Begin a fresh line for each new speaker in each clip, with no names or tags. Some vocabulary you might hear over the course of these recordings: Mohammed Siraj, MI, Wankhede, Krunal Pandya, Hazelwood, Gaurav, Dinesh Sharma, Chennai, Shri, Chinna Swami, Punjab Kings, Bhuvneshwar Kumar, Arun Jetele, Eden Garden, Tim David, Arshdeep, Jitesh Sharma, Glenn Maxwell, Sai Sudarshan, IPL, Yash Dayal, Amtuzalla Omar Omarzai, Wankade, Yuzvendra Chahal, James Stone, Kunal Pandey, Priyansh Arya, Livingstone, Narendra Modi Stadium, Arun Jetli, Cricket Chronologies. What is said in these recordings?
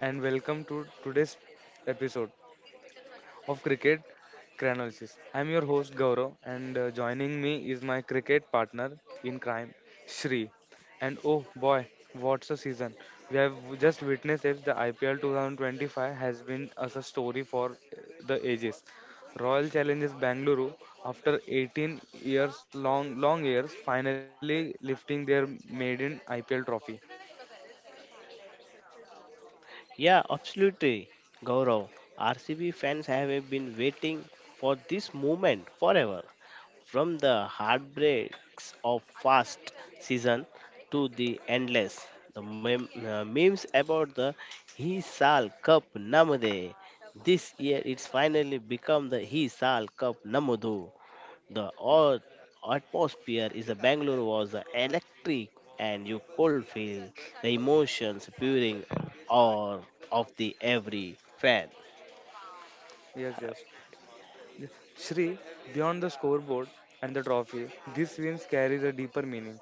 and welcome to today's episode of Cricket Chronologies. I'm your host Gaurav, and joining me is my cricket partner in crime Shri. And oh boy, what's a season. We have just witnessed it. The IPL 2025 has been as a story for the ages. Royal Challengers Bangalore, after 18 years long years, finally lifting their maiden IPL trophy.
Yeah, absolutely, Gaurav. RCB fans have been waiting for this moment forever. From the heartbreaks of first season to the endless, the memes about the Hisal Cup Namade. This year, it's finally become the Hisal Cup Namudu. The atmosphere is the Bangalore was the electric and you could feel the emotions pouring out of the every fan.
Yes, yes. Shri, beyond the scoreboard and the trophy, these wins carries a deeper meaning.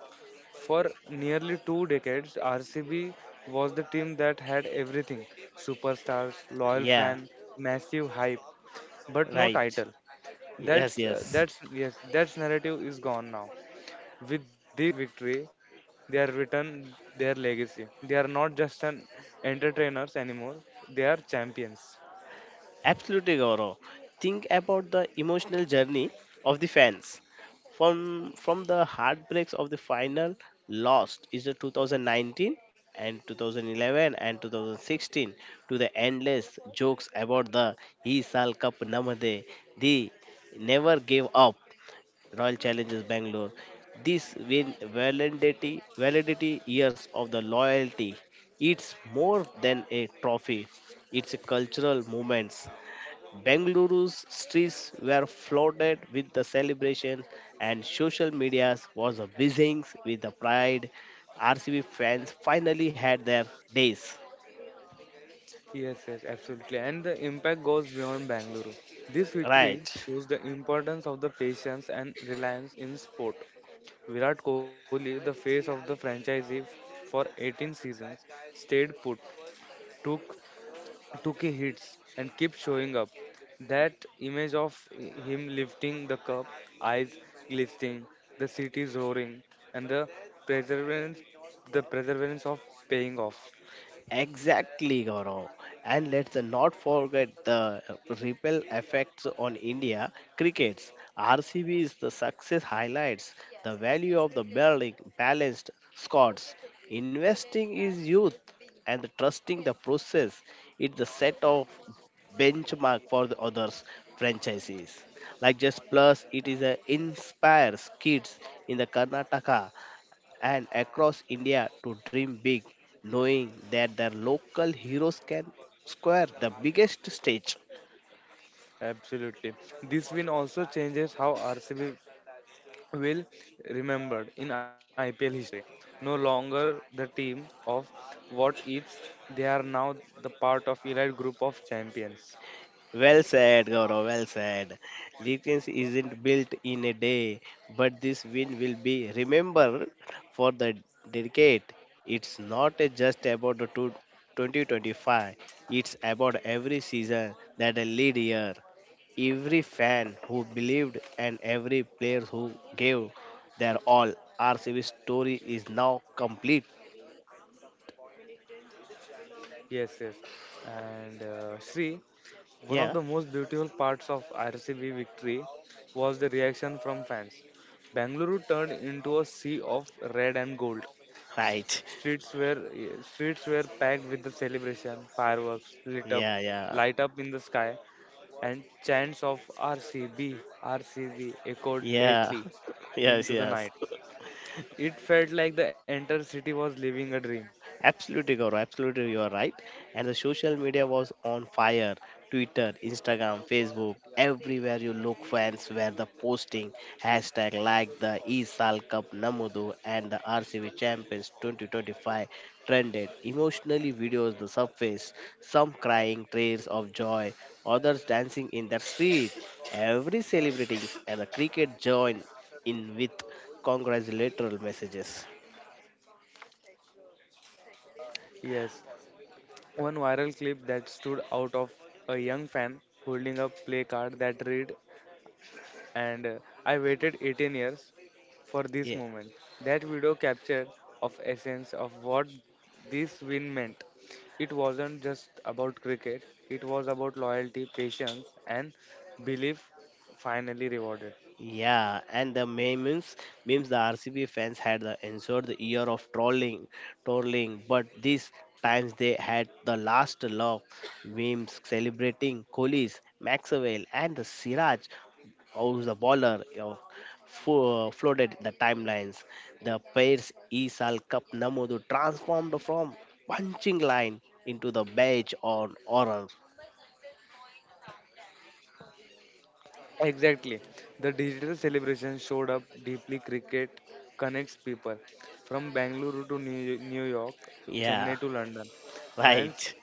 For nearly two decades, RCB was the team that had everything: superstars, loyal
Yeah,
fan, massive hype, but no
right.
title.
Yes,
That's, uh,
yes.
that's, yes, that's narrative is gone now. With this victory, they are written their legacy. They are not just an entertainers anymore, they are champions.
Absolutely, Gaurav. Think about the emotional journey of the fans. From the heartbreaks of the final lost is the 2019 and 2011 and 2016 to the endless jokes about the He Sal Cup Namade, the never gave up Royal Challengers Bangalore. This win validity years of the loyalty. It's more than a trophy. It's a cultural movement Bengaluru's streets were flooded with the celebration, and social media was buzzing with the pride. RCB fans finally had their days.
Yes, yes, absolutely. And the impact goes beyond Bangalore. This victory
Right.
shows the importance of the patience and reliance in sport. Virat Kohli, the face of the franchise for 18 seasons, stayed put, took took his hits, and kept showing up. That image of him lifting the cup, eyes glistening, the cities roaring, and the perseverance, perseverance of paying off.
Exactly, Gaurav. And let's not forget the ripple effects on India crickets. RCB is the success highlights the value of the building balanced squads. Investing is youth and trusting the process. It's the set of benchmark for the others franchises. Like Just Plus, it is a inspires kids in the Karnataka and across India to dream big, knowing that their local heroes can square the biggest stage.
Absolutely. This win also changes how RCB will remembered in IPL history. No longer the team of what ifs, they are now the part of elite group of champions.
Well said, Gaurav. Well said. Latency isn't built in a day, but this win will be remembered for the decade. It's not just about the 2025, it's about every season that a lead year, every fan who believed, and every player who gave their all. RCB story is now complete.
Yes, yes. And Sri, one of
Yeah,
the most beautiful parts of RCB victory was the reaction from fans. Bangalore turned into a sea of red and gold.
right.
Streets were yeah, streets were packed with the celebration, fireworks lit up,
Yeah, yeah,
light up in the sky, and chants of RCB, RCB echoed
yeah,
lately
yes,
into the
yes.
night. It felt like the entire city was living a dream.
Absolutely, Gaurav. Absolutely, you are right. And the social media was on fire. Twitter, Instagram, Facebook, everywhere you look, fans were the posting hashtag like the ESAL Cup Namudu and the RCB Champions 2025 trended. Emotionally, videos the surface, some crying tears of joy, others dancing in the street, every celebrating and the cricket joined in with congratulatory messages.
Yes, one viral clip that stood out of a young fan holding a play card that read and I waited 18 years for this moment. That video captured of essence of what this win meant. It wasn't just about cricket. It was about loyalty, patience, and belief finally rewarded.
Yeah, and the memes, memes the RCB fans had the ensured the year of trolling, but this times they had the last laugh. Memes celebrating Kohli's, Maxwell, and the Siraj, who's the baller, flooded the timelines. The pair's Isal Cup Namodu transformed from punching line into the badge on honor.
Exactly. The digital celebration showed up deeply cricket connects people from Bangalore to New York,
Yeah,
Chennai to London. Fans
right,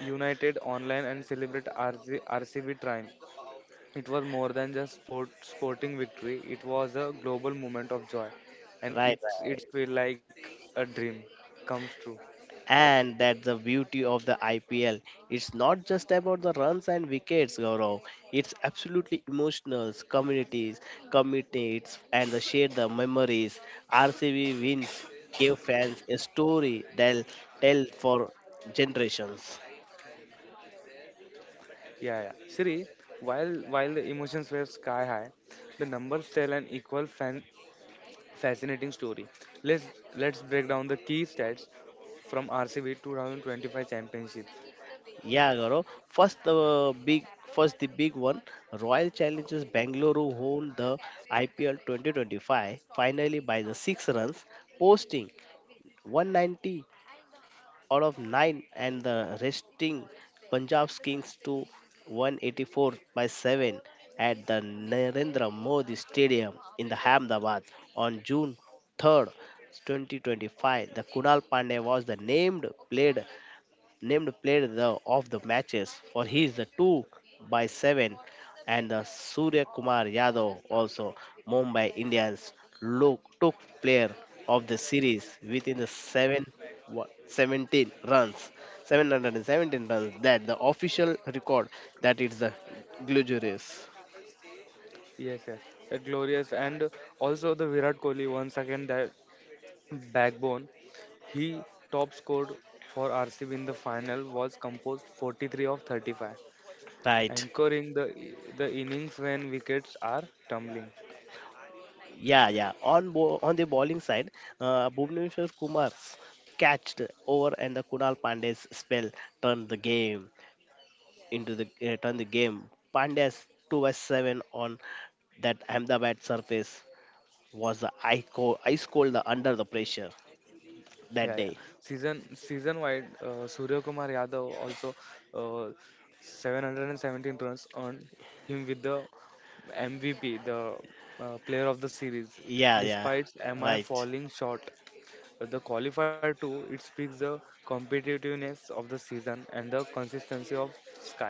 united online and celebrate R C B triumph. It was more than just sport, sporting victory, it was a global moment of joy. And
right, right.
it's feel like a dream comes true.
And that's the beauty of the IPL. It's not just about the runs and wickets, Gaurav. It's absolutely emotional, communities, committees, and the share the memories. RCB wins gave fans a story they'll tell for generations.
Yeah, yeah. Siri, while the emotions were sky high, the numbers tell an fascinating story. Let's let's break down the key stats from RCB 2025 championship.
Yeah, Gaurav. First the big one. Royal Challengers Bangalore won the IPL 2025 finally by the six runs, posting 190 out of 9 and the resting Punjab Kings to 184 by 7 at the Narendra Modi Stadium in the Ahmedabad on June 3rd, 2025. The Kunal Pandey was the named player of the matches for he is the 2 by 7 and the Surya Kumar Yadav also Mumbai Indians took player of the series within the 17 runs 717 runs that the official record that is the glorious
Yes, yes, that glorious, and also the Virat Kohli once again that backbone. He top scored for RCB in the final was composed 43 of 35,
right
anchoring the innings when wickets are tumbling.
yeah yeah on the bowling side Bhuvneshwar Kumar's catched over and the Kunal Pandey's spell turned the game into the return the game. Pandya's 2/7 on that Ahmedabad surface was the ice cold under the pressure that
Yeah, yeah.
day.
Season wide, Surya Kumar Yadav also uh, 717 runs earned him with the MVP, the player of the series,
Yeah, yeah,
despite MI
right.
falling short the qualifier too. It speaks the competitiveness of the season and the consistency of Sky.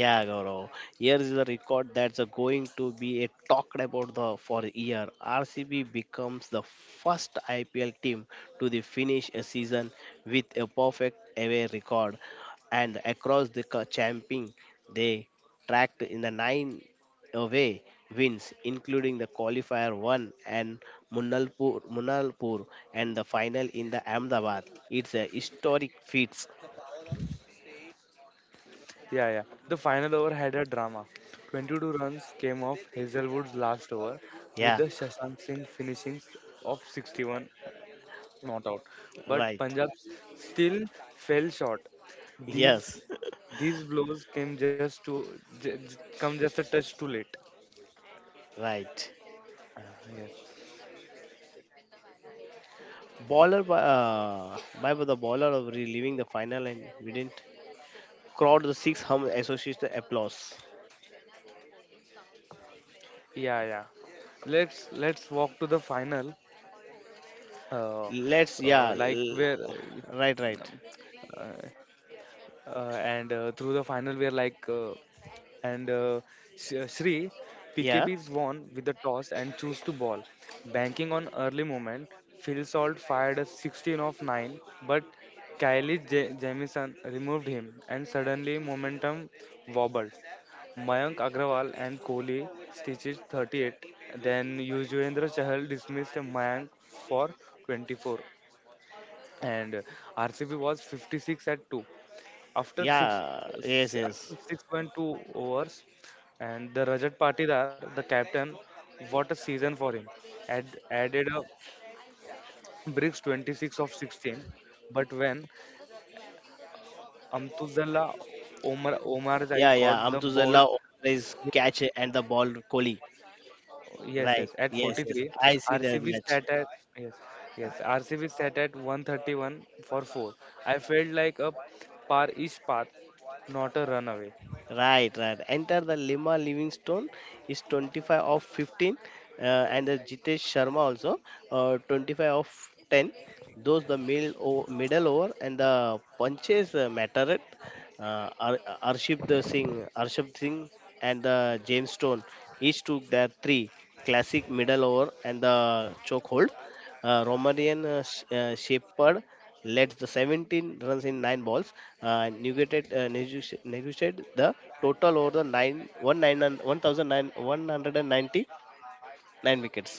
Yeah, Gaurav. Here is the record that's a going to be a talked about the for a year. RCB becomes the first IPL team to the finish a season with a perfect away record, and champion, they tracked in the nine away wins, including the qualifier one and Munalpur, and the final in the Ahmedabad. It's a historic feat.
Yeah, yeah. The final over had a drama. 22 runs came off Hazelwood's last over, with
Yeah,
the Shashank Singh finishing of 61 not out. But
right.
Punjab still fell short. These
Yes,
these blows came just to j- j- come just a touch too late.
right.
Ah, Yes.
Bowler by the bowler of reliving the final and we didn't crowd the six hum associates the applause.
Yeah, yeah. Let's walk to the final. Uh,
Let's yeah,
like where
l- right right
uh, and through the final we are like and Sh- Shri, PKB
yeah
is won with the toss and choose to ball. Banking on early moment, Phil Salt fired a 16 of 9, but Jamison removed him and suddenly momentum wobbled. Mayank Agrawal and Kohli stitches 38. Then Yuzvendra Chahal dismissed Mayank for 24. And RCB was 56 at 2. After six,
yeah
uh,
yes
s-
yes
after 6.2 overs, and the Rajat Patidar, the captain, what a season for him. Added a bricks 26 of 16, but when Amtuzalla Omar Omarzai
yeah
caught the
yeah
ball,
Amtuzalla is catch and the ball Kohli
yes,
right
yes, at
yes yes
43,
I see
RCB
that
sat
match
at yes, yes, RCB sat at 131 for four. I felt like a par-ish path, not a runaway.
Right, right. Enter the Lima Livingstone is 25 of 15, and the Jitesh Sharma also 25 of 10. Those the middle over and the punches mattered. Arship Singh, and the James Stone each took their three classic middle over and the chokehold. Hold. Romanian Shepherd led the 17 runs in 9 balls. Uh, negotiated, uh, negotiated the total over the nine one nine one thousand nine one hundred and ninety nine wickets.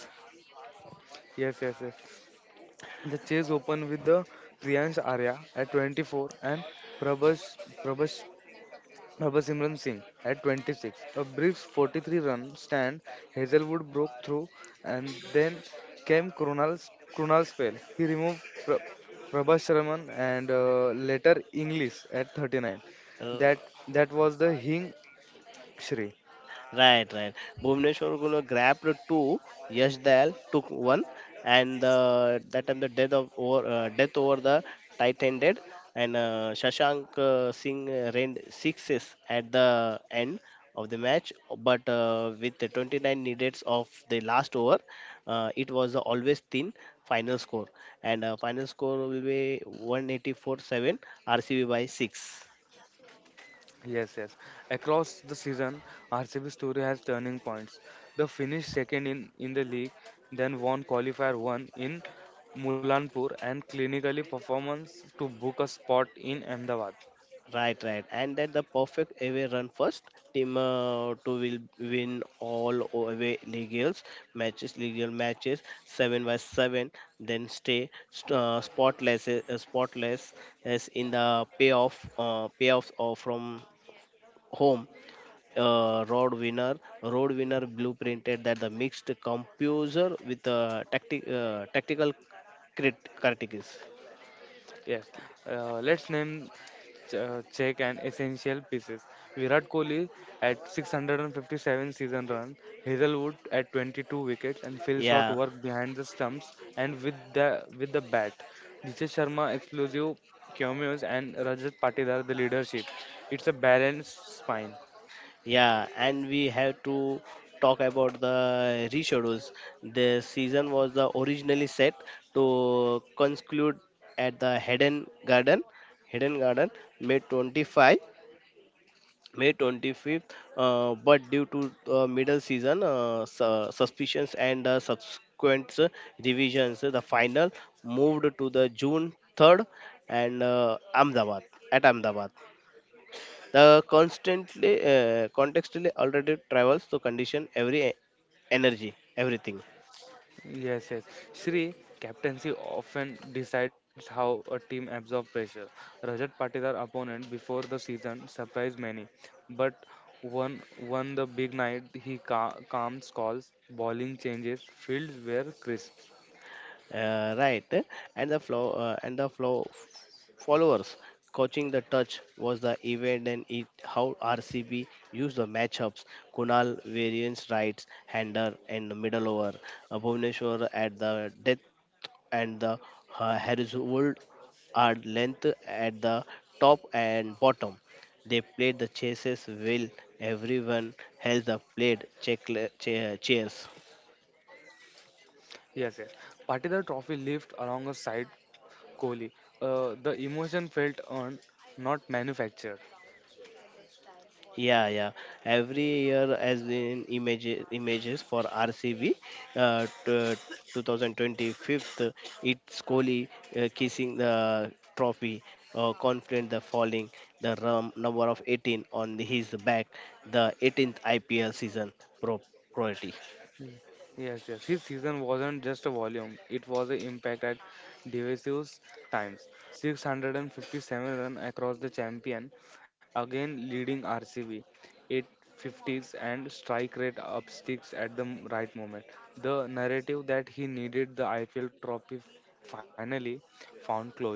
Yes, yes, yes. The chase opened with the Priyansh Arya at 24 and Prabhas, Prabhas, Prabhas Simran Singh at 26. A brief 43 run stand, Hazelwood broke through, and then came Krunal's spell. He removed Prabhas Sharman and later English at 39.
Uh,
That, that was the Hing, Shri.
Right, right. Bhuvneshwar Gula grabbed two, Yash Dayal took one, and that time the death over the tight ended, and Shashank Singh reigned sixes at the end of the match, but with the 29 needed of the last over, it was always thin final score, and final score will be 184-7 RCB by six.
Yes, yes. Across the season, RCB story has turning points. They finished second in the league, then won qualifier one in Mulanpur and clinically performance to book a spot in Ahmedabad.
Right, right, and that the perfect away run first team to will win all away legals matches, legal matches seven by seven. Then stay spotless as in the payoffs or from home. Uh, road winner, road winner blueprinted that the mixed composer with tactical critics.
Yes, let's name check and essential pieces. Virat Kohli at 657 season run, Hazelwood at 22 wickets, and Phil Shot
Yeah.
work behind the stumps and with the bat. Dinesh Sharma explosive cameos and Rajat Patidar the leadership. It's a balanced spine.
Yeah, and we have to talk about the reshudules. The season was the originally set to conclude at the Hidden Garden, May 25, May 25th. But due to middle season suspicions and subsequent revisions, the final moved to the June 3rd and Ahmedabad. The constantly contextually alternative travels to condition energy, everything.
Yes, yes. Sri, captaincy often decides how a team absorbs pressure. Rajat Patidar opponent before the season surprised many, but won the big night. He calms calls, bowling changes, fields were crisp.
Right, and the flow and the followers coaching the touch was the event and it how RCB used the matchups. Kunal variance rights hander and middle over. Bhuvaneshwar at the death and the horizontal are length at the top and bottom. They played the chasses well. Everyone held the played check, chairs.
Yes, yes. Patidar trophy lived alongside Kohli. The emotion felt earned, not manufactured.
Yeah, yeah. Every year, as in images for RCB, uh, t- 2025, it's Kohli kissing the trophy, confident the falling, the rum number of 18 on his back, the 18th IPL season pro priority.
Mm. Yes, yes. His season wasn't just a volume, it was an impact at divisive times. 657 runs across the champion, again leading RCB. 850s and strike rate up sticks at the right moment. The narrative that he needed the IPL trophy finally found closure.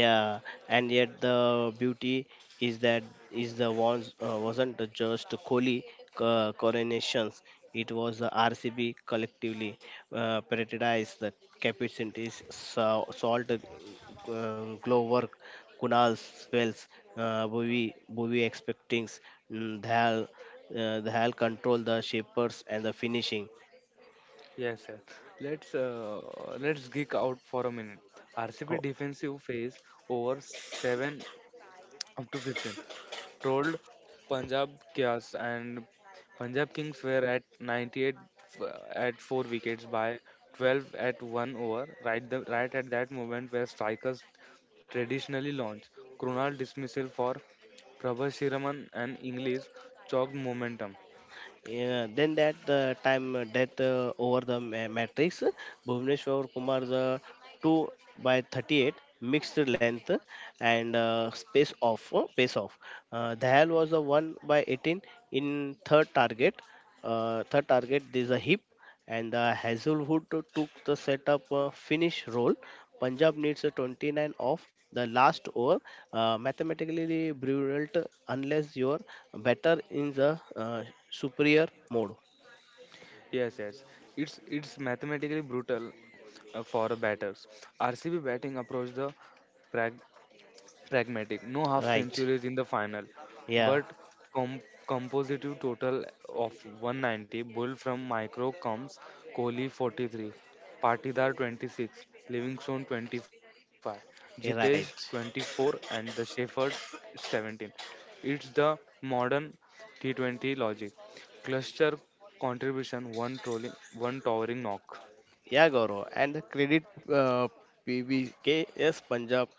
Yeah, and yet the beauty is that is the ones wasn't just Kohli coronations. It was the RCB collectively paradise, the capacities, so, salt, glow work, Kunal spells, Bhuvi expectings, mm, Dhal, Dhal control the shapers and the finishing.
Yes, yes. Let's uh, let's geek out for a minute. RCB defensive phase over seven up to 15 trolled Punjab chaos, and Punjab Kings were at 98 f- at 4 wickets by 12 at 1 over, right at that moment where strikers traditionally launch. Krunal dismissal for Prabhasiraman and English chalked momentum.
Yeah, then that time death over the matrix, Bhuvneshwar Kumar the 2 by 38 mixed length and space off pace off. Dayal was the 1 by 18 in third target. This is a hip and Hazelwood took the setup finish role. Punjab needs a 29 off the last over. Mathematically brilliant unless you're better in the superior mode.
Yes, yes, it's mathematically brutal for batters. RCB batting approached the pragmatic, no half
Right.
centuries in the final,
Yeah.
but com- compositive total of 190, Bull from micro comes Kohli 43, Patidar 26, Livingstone 25, Jitesh
Yeah, Right.
24, and the Shepherd 17. It's the modern T20 logic. Cluster contribution, one trolling, one towering knock.
Yeah, Gaurav. And credit uh, PBK, yes, Punjab.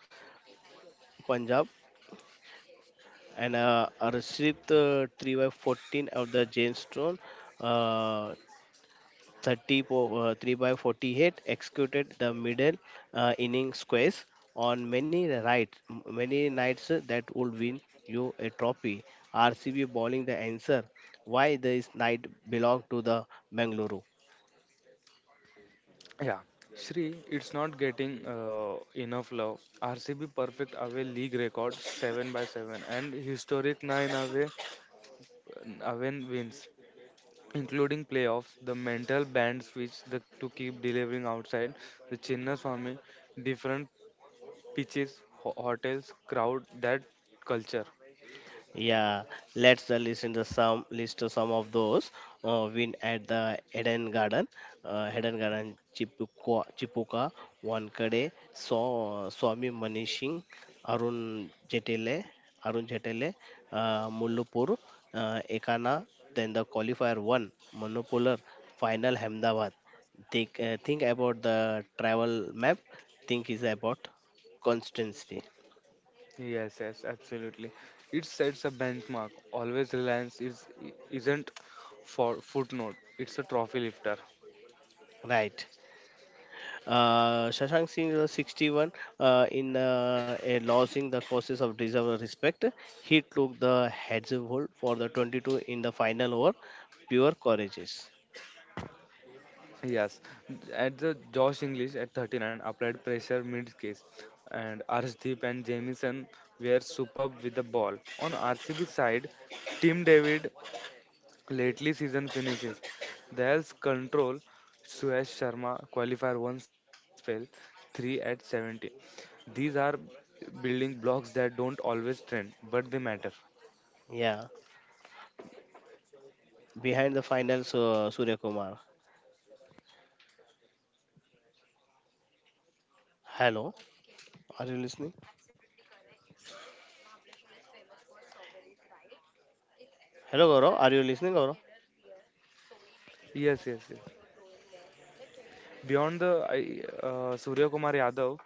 Punjab. And Arshit 3 by 14 of the James Stone. Uh, 30 po- uh, 3 by 48 executed the middle inning squares on many right many nights that would win you a trophy rcb bowling the answer why this night belonged to the bengaluru
Yeah, Sri, it's not getting enough love. RCB perfect away league record 7 by 7 and historic 9 away wins, including playoffs. The mental band switch to keep delivering outside the Chinna Swami, different pitches, hotels, crowd, that culture.
Yeah, let's list to some of those. Win at the Eden Garden Chipuka, Chipuka Wankade, Swami Manishing, Arun Jetele, Arun Jetele, Mullupur, Ekana. Then the qualifier one, Monopolar final Ahmedabad. Think about the travel map. Think is about constancy,
Yes, yes, absolutely. It sets a benchmark. Always Reliance is isn't for footnote. It's a trophy lifter.
right? Shashank Singh 61 in a losing the causes of deserved respect. He took the heads hold for the 22 in the final over. Pure courageous.
Yes, at the Josh English at 39 applied pressure mid case, and Arshdeep and Jamison were superb with the ball. On RCB side, Tim David lately season finishes. There's control. Suyash Sharma qualifier one spell, three at 70. These are building blocks that don't always trend, but they matter.
Yeah. Behind the final, Surya Kumar. Hello. Are you listening? Hello, Gaurav. Are you listening, Gaurav?
Yes, yes, yes. Beyond the I- Surya Kumar Yadav,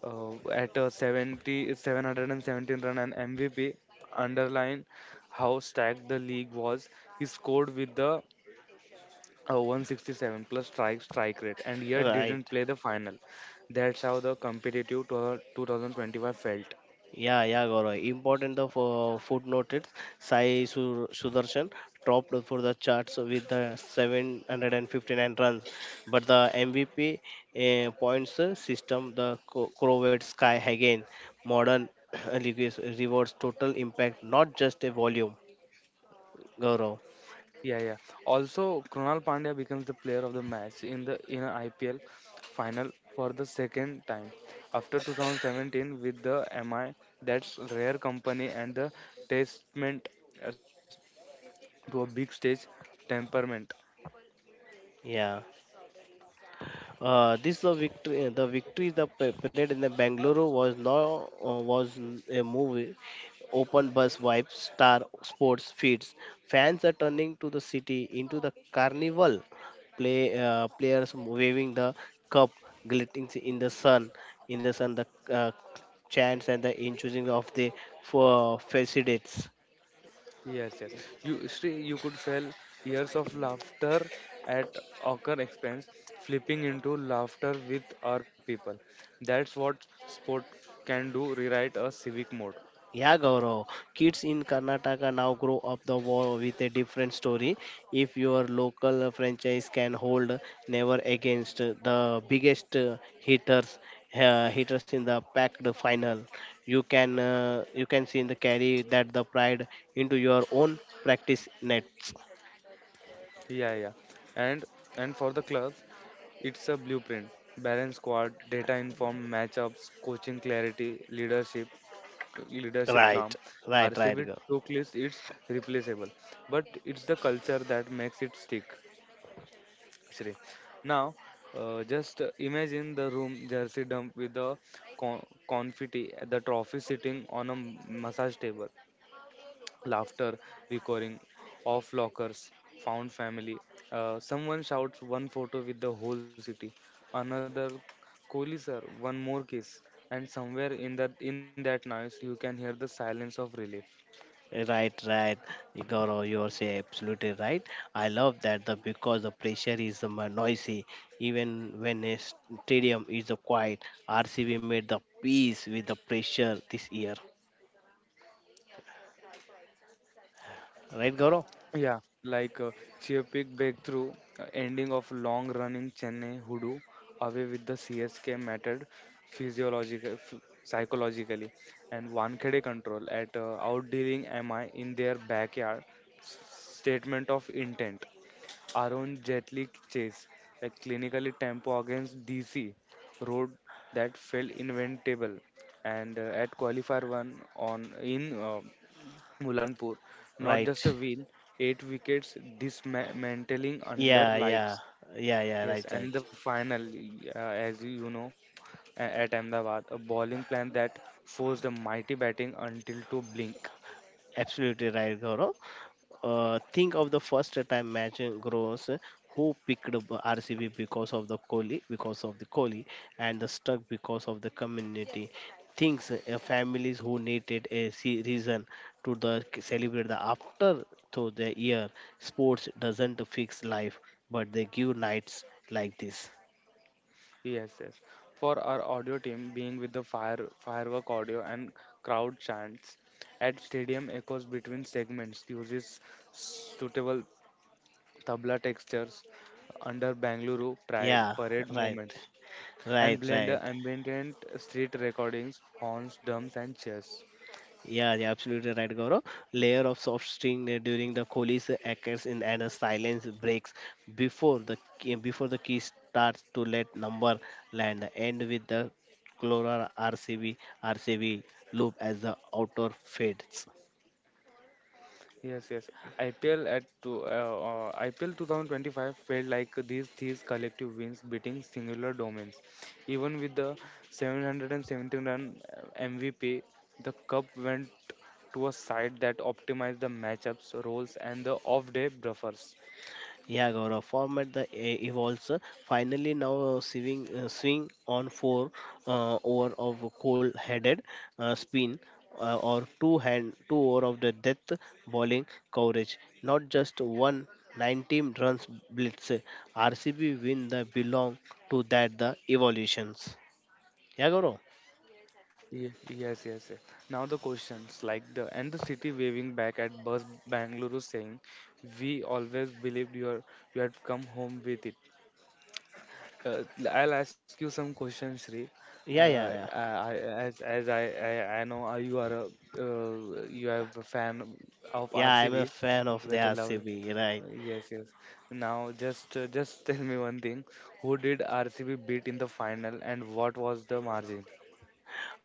717 run and MVP underline how stacked the league was. He scored with the 167 plus strike rate and yet
Right.
didn't play the final. That's how the competitive to 2025 felt.
Yeah, yeah, Gaurav. Important of footnoted Sudarshan topped for the charts with the 759 runs, but the MVP points system, Corvette Sky again, modern leagues rewards total impact, not just a volume. Gaurav.
Yeah, yeah. Also, Krunal Pandya becomes the player of the match in the in a IPL final for the second time after 2017 with the MI. That's rare company and the testament uh, to a big stage temperament.
Yeah. This the victory. Eh, The victory the parade in the Bangalore was not was n- a movie. Open bus vibes, star sports feeds. Fans are turning to the city into the carnival. Players waving the cup, glittering in the sun. In the sun, the uh, chants and the in choosing of the for facades.
Yes, yes. you Sri, you could feel years of laughter at our expense flipping into laughter with our people. That's what sport can do: rewrite a civic mode.
Yeah, Gaurav. Kids in Karnataka now grow up the war with a different story. If your local franchise can hold never against the biggest hitters in the packed final, you can see in the carry that the pride into your own practice nets.
Yeah, yeah. and and for the club it's a blueprint: balance squad, data informed matchups, coaching clarity, leadership calm.
Right, right, right,
RCB took list it's replaceable, but it's the culture that makes it stick actually. Now, just imagine the room jersey dump with the confetti, the trophy sitting on a massage table, laughter recurring, off lockers, found family. Someone shouts, "One photo with the whole city," another, "Kohli sir, one more kiss," and somewhere in that noise you can hear the silence of relief.
Right, right, Gaurav, you are say absolutely right. I love that the because the pressure is noisy, even when a stadium is quiet. RCB made the peace with the pressure this year, right, Gaurav?
Yeah, like Chiapik breakthrough, ending of long running Chennai hoodoo, away with the CSK mattered physiological, f- psychologically, and Wankhede control at outdealing MI in their backyard. Statement of intent. Arun Jetli chase, like clinically tempo against DC, road that felt inventable, and at qualifier one on in. Mulanpur, not
Right.
just a win, eight wickets dismantling under
Yeah,
lights.
yeah, yeah, yeah.
Yes,
Right,
and
right.
the final, as you know, at Ahmedabad, a bowling plan that forced a mighty batting until to blink.
Absolutely right, Gaurav. Think of the first time match gross who picked up RCB because of the Kohli because of the Kohli and the stuck because of the community things, families who needed a reason to the celebrate the after to the year. Sports doesn't fix life, but they give nights like this.
Yes, yes. For our audio team, being with the fire firework audio and crowd chants at stadium echoes between segments uses suitable tabla textures under Bangalore pride
Yeah.
parade
Right.
moments. And
Right,
blend
right.
ambient street recordings, horns, drums, and cheers.
Yeah, yeah, absolutely right, Gaurav. Layer of soft string during the Kohli's occurs in, and a silence breaks before the key starts to let number land. End with the Clora RCB RCB loop as the outer fades.
Yes, yes. IPL 2025 felt like these collective wins beating singular domains. Even with the 717 run MVP, the cup went to a side that optimized the matchups, roles, and the off-day buffers.
Yeah, Gaurav, format evolves. Finally, now swing on four over of cold-headed spin, or two hand two over of the death bowling coverage. Not just one 19 runs blitz. RCB win the belong to that the evolutions. Yeah, Gaurav.
Yes, yes, yes. Now the questions like the and the city waving back at bus Bangalore saying, "We always believed you are you had come home with it." Uh, I'll ask you some questions, Sri.
Yeah, yeah, yeah.
As I I know you are a you have a fan of
Yeah, I'm a
RCB.
fan of the
Better love.
RCB. Right.
Yes, yes. Now just tell me one thing. Who did RCB beat in the final and what was the margin?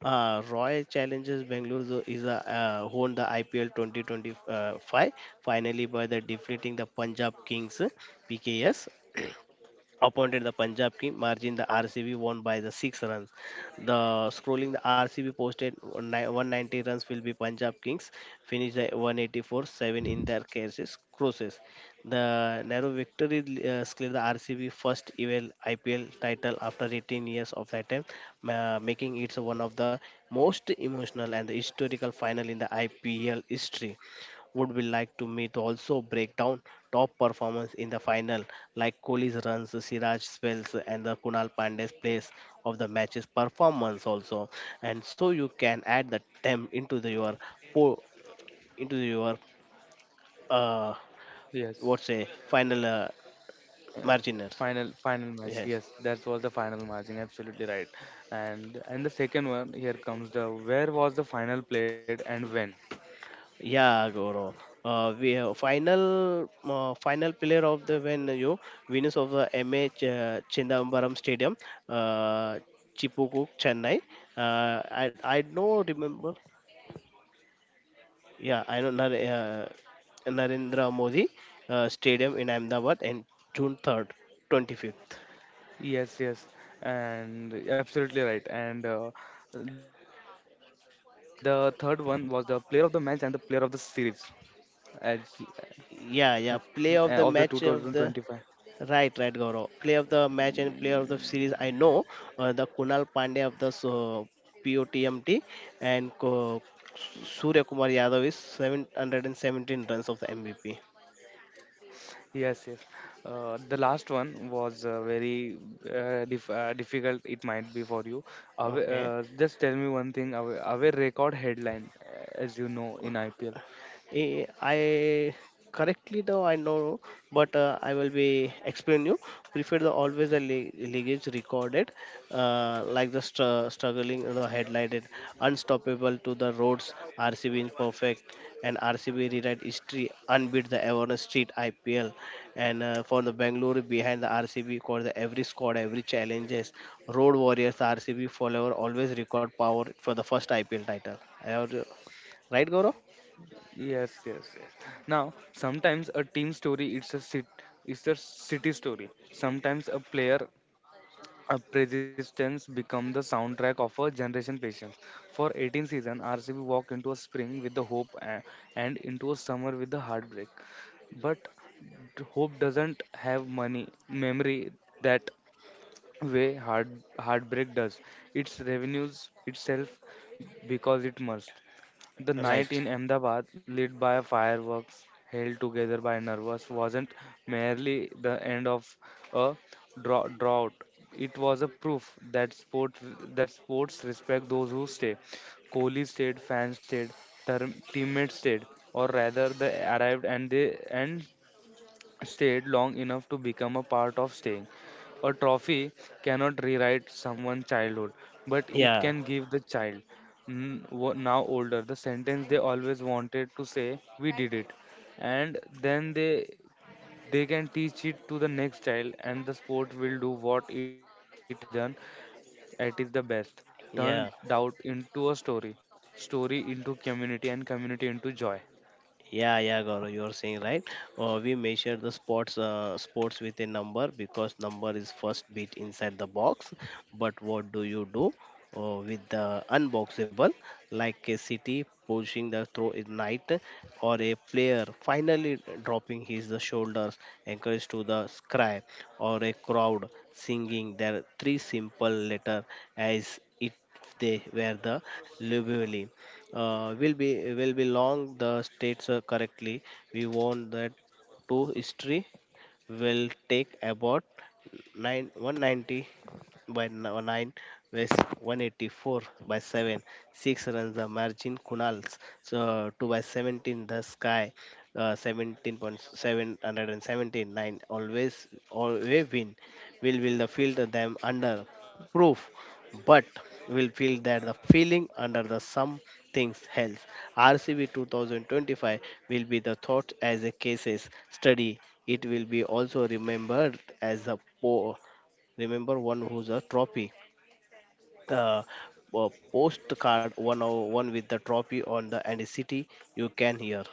Royal challenges Bangalore is a, won the IPL 2025 finally by the defeating the Punjab Kings, PKS appointed the Punjab team. Margin the RCB won by the six runs. The scrolling the RCB posted 190 runs, will be Punjab Kings finished the 184-7 in their cases crosses. The narrow victory secured the RCB first ever IPL title after 18 years of that time, making it one of the most emotional and historical final in the IPL history. Would we like to meet also break down top performance in the final, like Kohli's runs, Siraj spells and the Kunal Pandey's plays of the match's performance also, and so you can add the temp into the your po into your uh
Yes.
what say final
Uh,
marginer.
final match, yes,
Yes.
that was the final margin, absolutely right. And the second one, here comes the where was the final played and when?
Yeah, Gaurav. We have final final player of the when you winners of the Chindambaram Stadium, uh, Chipuku, Chennai. I don't remember. Yeah, I know Narendra Modi Stadium in Ahmedabad and June 3rd, 25th.
Yes, yes, and absolutely right. And the third one was the player of the match and the player of the series, as, as
Yeah,
of
yeah.
the
Play of the match
2025.
of the. Right, right, Gaurav. Player of the match and player of the series, I know the Kunal Pandey of the so, POTMT, and Surya Kumar Yadav is 717 runs of the MVP.
Yes, yes. The last one was very difficult, it might be for you. Away,
Okay.
just tell me one thing, away record headline, as you know, in IPL.
Eh, I correctly though I know, but I will be explain you. Prefer the always the lineage recorded, like the struggling the headlighted, unstoppable to the roads. RCB imperfect, and RCB rewrite history unbeat the awareness street IPL, and for the Bangalore behind the RCB for the every squad every challenges road warriors RCB follower always record power for the first IPL title. I already- Right, Goro?
Yes, yes, yes. Now, sometimes a team story, it's a city story. Sometimes a player, a persistence become the soundtrack of a generation patience. For 18 season, RCB walk into a spring with the hope, and into a summer with the heartbreak. But hope doesn't have money memory, that way heartbreak does, its revenues itself because it must. The night
Right.
in Ahmedabad lit by fireworks, held together by nervous, wasn't merely the end of a drought. It was a proof that sports respect those who stay. Kohli stayed, fans stayed, teammates stayed, or rather they arrived and they and stayed long enough to become a part of staying. A trophy cannot rewrite someone's childhood, but it
Yeah,
can give the child, now older, the sentence they always wanted to say, "We did it." And then they can teach it to the next child, and the sport will do what it has always done at its the best:
yeah,
turn doubt into a story, into community, and community into joy.
yeah, yeah, Gaurav, you're saying right. We measure the sports, sports with a number because number is first bit inside the box. But what do you do with the unboxable, like a city pushing the throw in night, or a player finally dropping his shoulders, encouraged to the sky, or a crowd singing their three simple letter as it they were the lively. Will be will belong the states, correctly we want that to history will take about 9 190 by 9 west 184 by 7. 6 runs the margin kunals so 2 by 17 the sky, 17.717 always always win will the field them under proof, but will feel that the feeling under the sum things health. RCB 2025 will be the thought as a cases study. It will be also remembered as a remember one who's a trophy. The postcard one oh one with the trophy on the, and a city you can hear.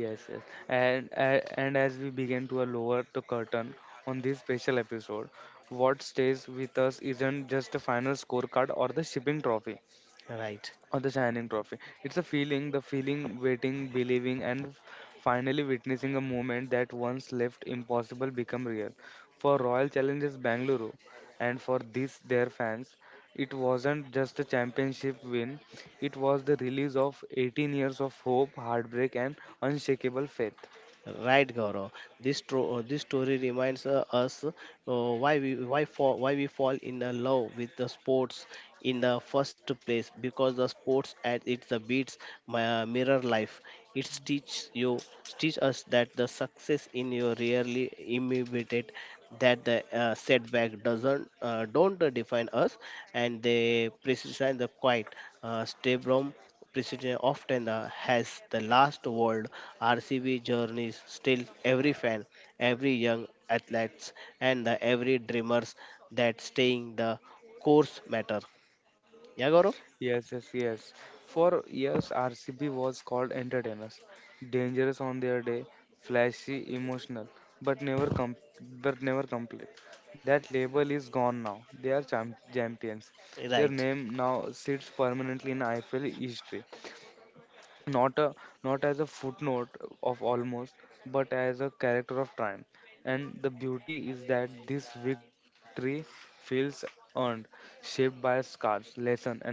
Yes, yes. And as we begin to lower the curtain on this special episode, what stays with us isn't just the final scorecard or the
Right.
shining trophy. It's a feeling, the feeling, waiting, believing, and finally witnessing a moment that once left impossible become real. For Royal Challengers Bangalore and for this their fans, it wasn't just a championship win. It was the release of 18 years of hope, heartbreak, and unshakable faith.
Right, Gaurav. This this story reminds us why we fall in love with the sports in the first place, because the sports at its the beats mirror life. It teaches you teach us that the success in your rarely immediate, that the setback doesn't don't define us, and they precise the quiet stay president often has the last word. RCB journeys still every fan, every young athletes, and the every dreamers that staying the course matter. Yeah, Gaurav?
Yes, yes, yes. For years, RCB was called entertainers, dangerous on their day, flashy, emotional, but never com- but never complete. That label is gone now. They are champions. Their
Right.
name now sits permanently in IPL history, not a not as a footnote of almost, but as a character of time. And the beauty is that this victory feels earned, shaped by scars, lesson, and growth.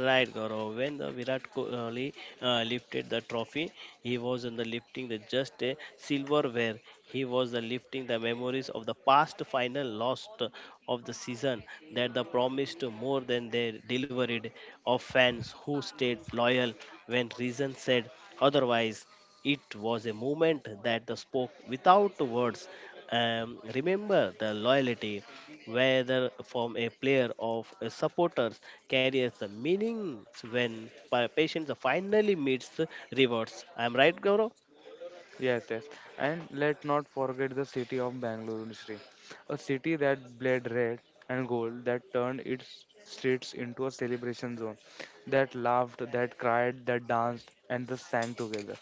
Right, Gaurav. When the Virat Kohli lifted the trophy, he was on the lifting the just a silverware. He was the lifting the memories of the past final lost of the season that the promised more than they delivered, of fans who stayed loyal when reason said otherwise. It was a moment that the spoke without words. Remember the loyalty whether from a player or a supporters carries the meanings when patients finally meets the rewards. I'm right, Gaurav?
Yes, yes. And let not forget the city of Bangalore, Nishri. A city that bled red and gold, that turned its streets into a celebration zone, that laughed, that cried, that danced, and that sang together.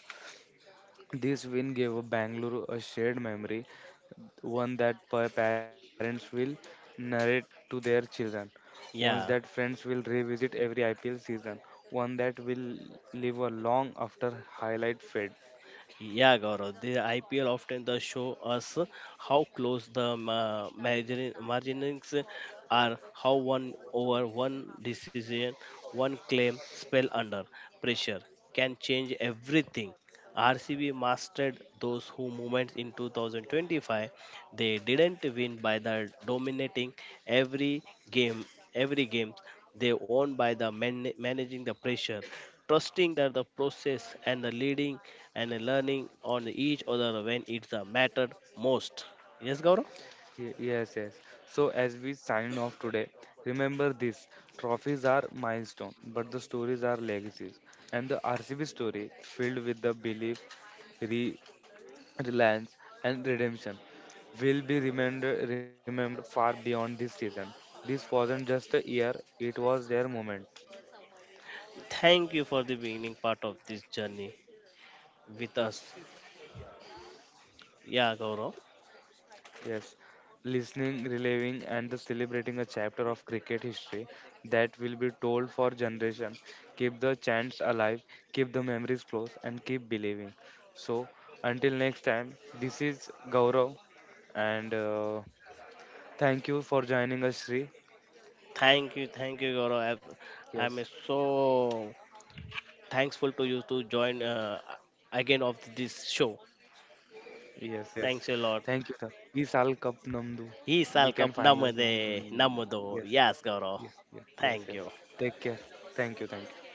This win gave a Bangalore a shared memory, one that parents will narrate to their children, one that
Yeah.
friends will revisit every IPL season, one that will live a long after highlight fade.
Yeah, Gaurav. The IPL often does show us how close the margins are, how one over one decision, one claim spell under pressure can change everything. RCB mastered those who moments in 2025. They didn't win by the dominating every game, every game. They won by the managing the pressure, trusting that the process and the leading and the learning on each other when it's the matter most. Yes, Gaurav?
Yes, yes. So as we sign off today, remember this: trophies are milestone, but the stories are legacies. And the RCB story, filled with the belief, re- reliance, and redemption, will be remembered far beyond this season. This wasn't just a year; it was their moment.
Thank you for the beginning part of this journey with us. Yeah, Gaurav.
Yes, listening, reliving, and the celebrating a chapter of cricket history that will be told for generation. Keep the chants alive, keep the memories close, and keep believing. So, until next time, this is Gaurav, and thank you for joining us, Sri.
Thank you, Gaurav. I'm
Yes,
so thankful to you to join again of this show.
yes, yes.
Thanks a lot.
Thank you, sir. Is all Cup Namdu.
He
We
salkap
can finally.
namade namudo.
Yes,
Yes, Gaurav.
yes, yes, yes,
Thank
yes.
you.
Take care. Thank you, thank you.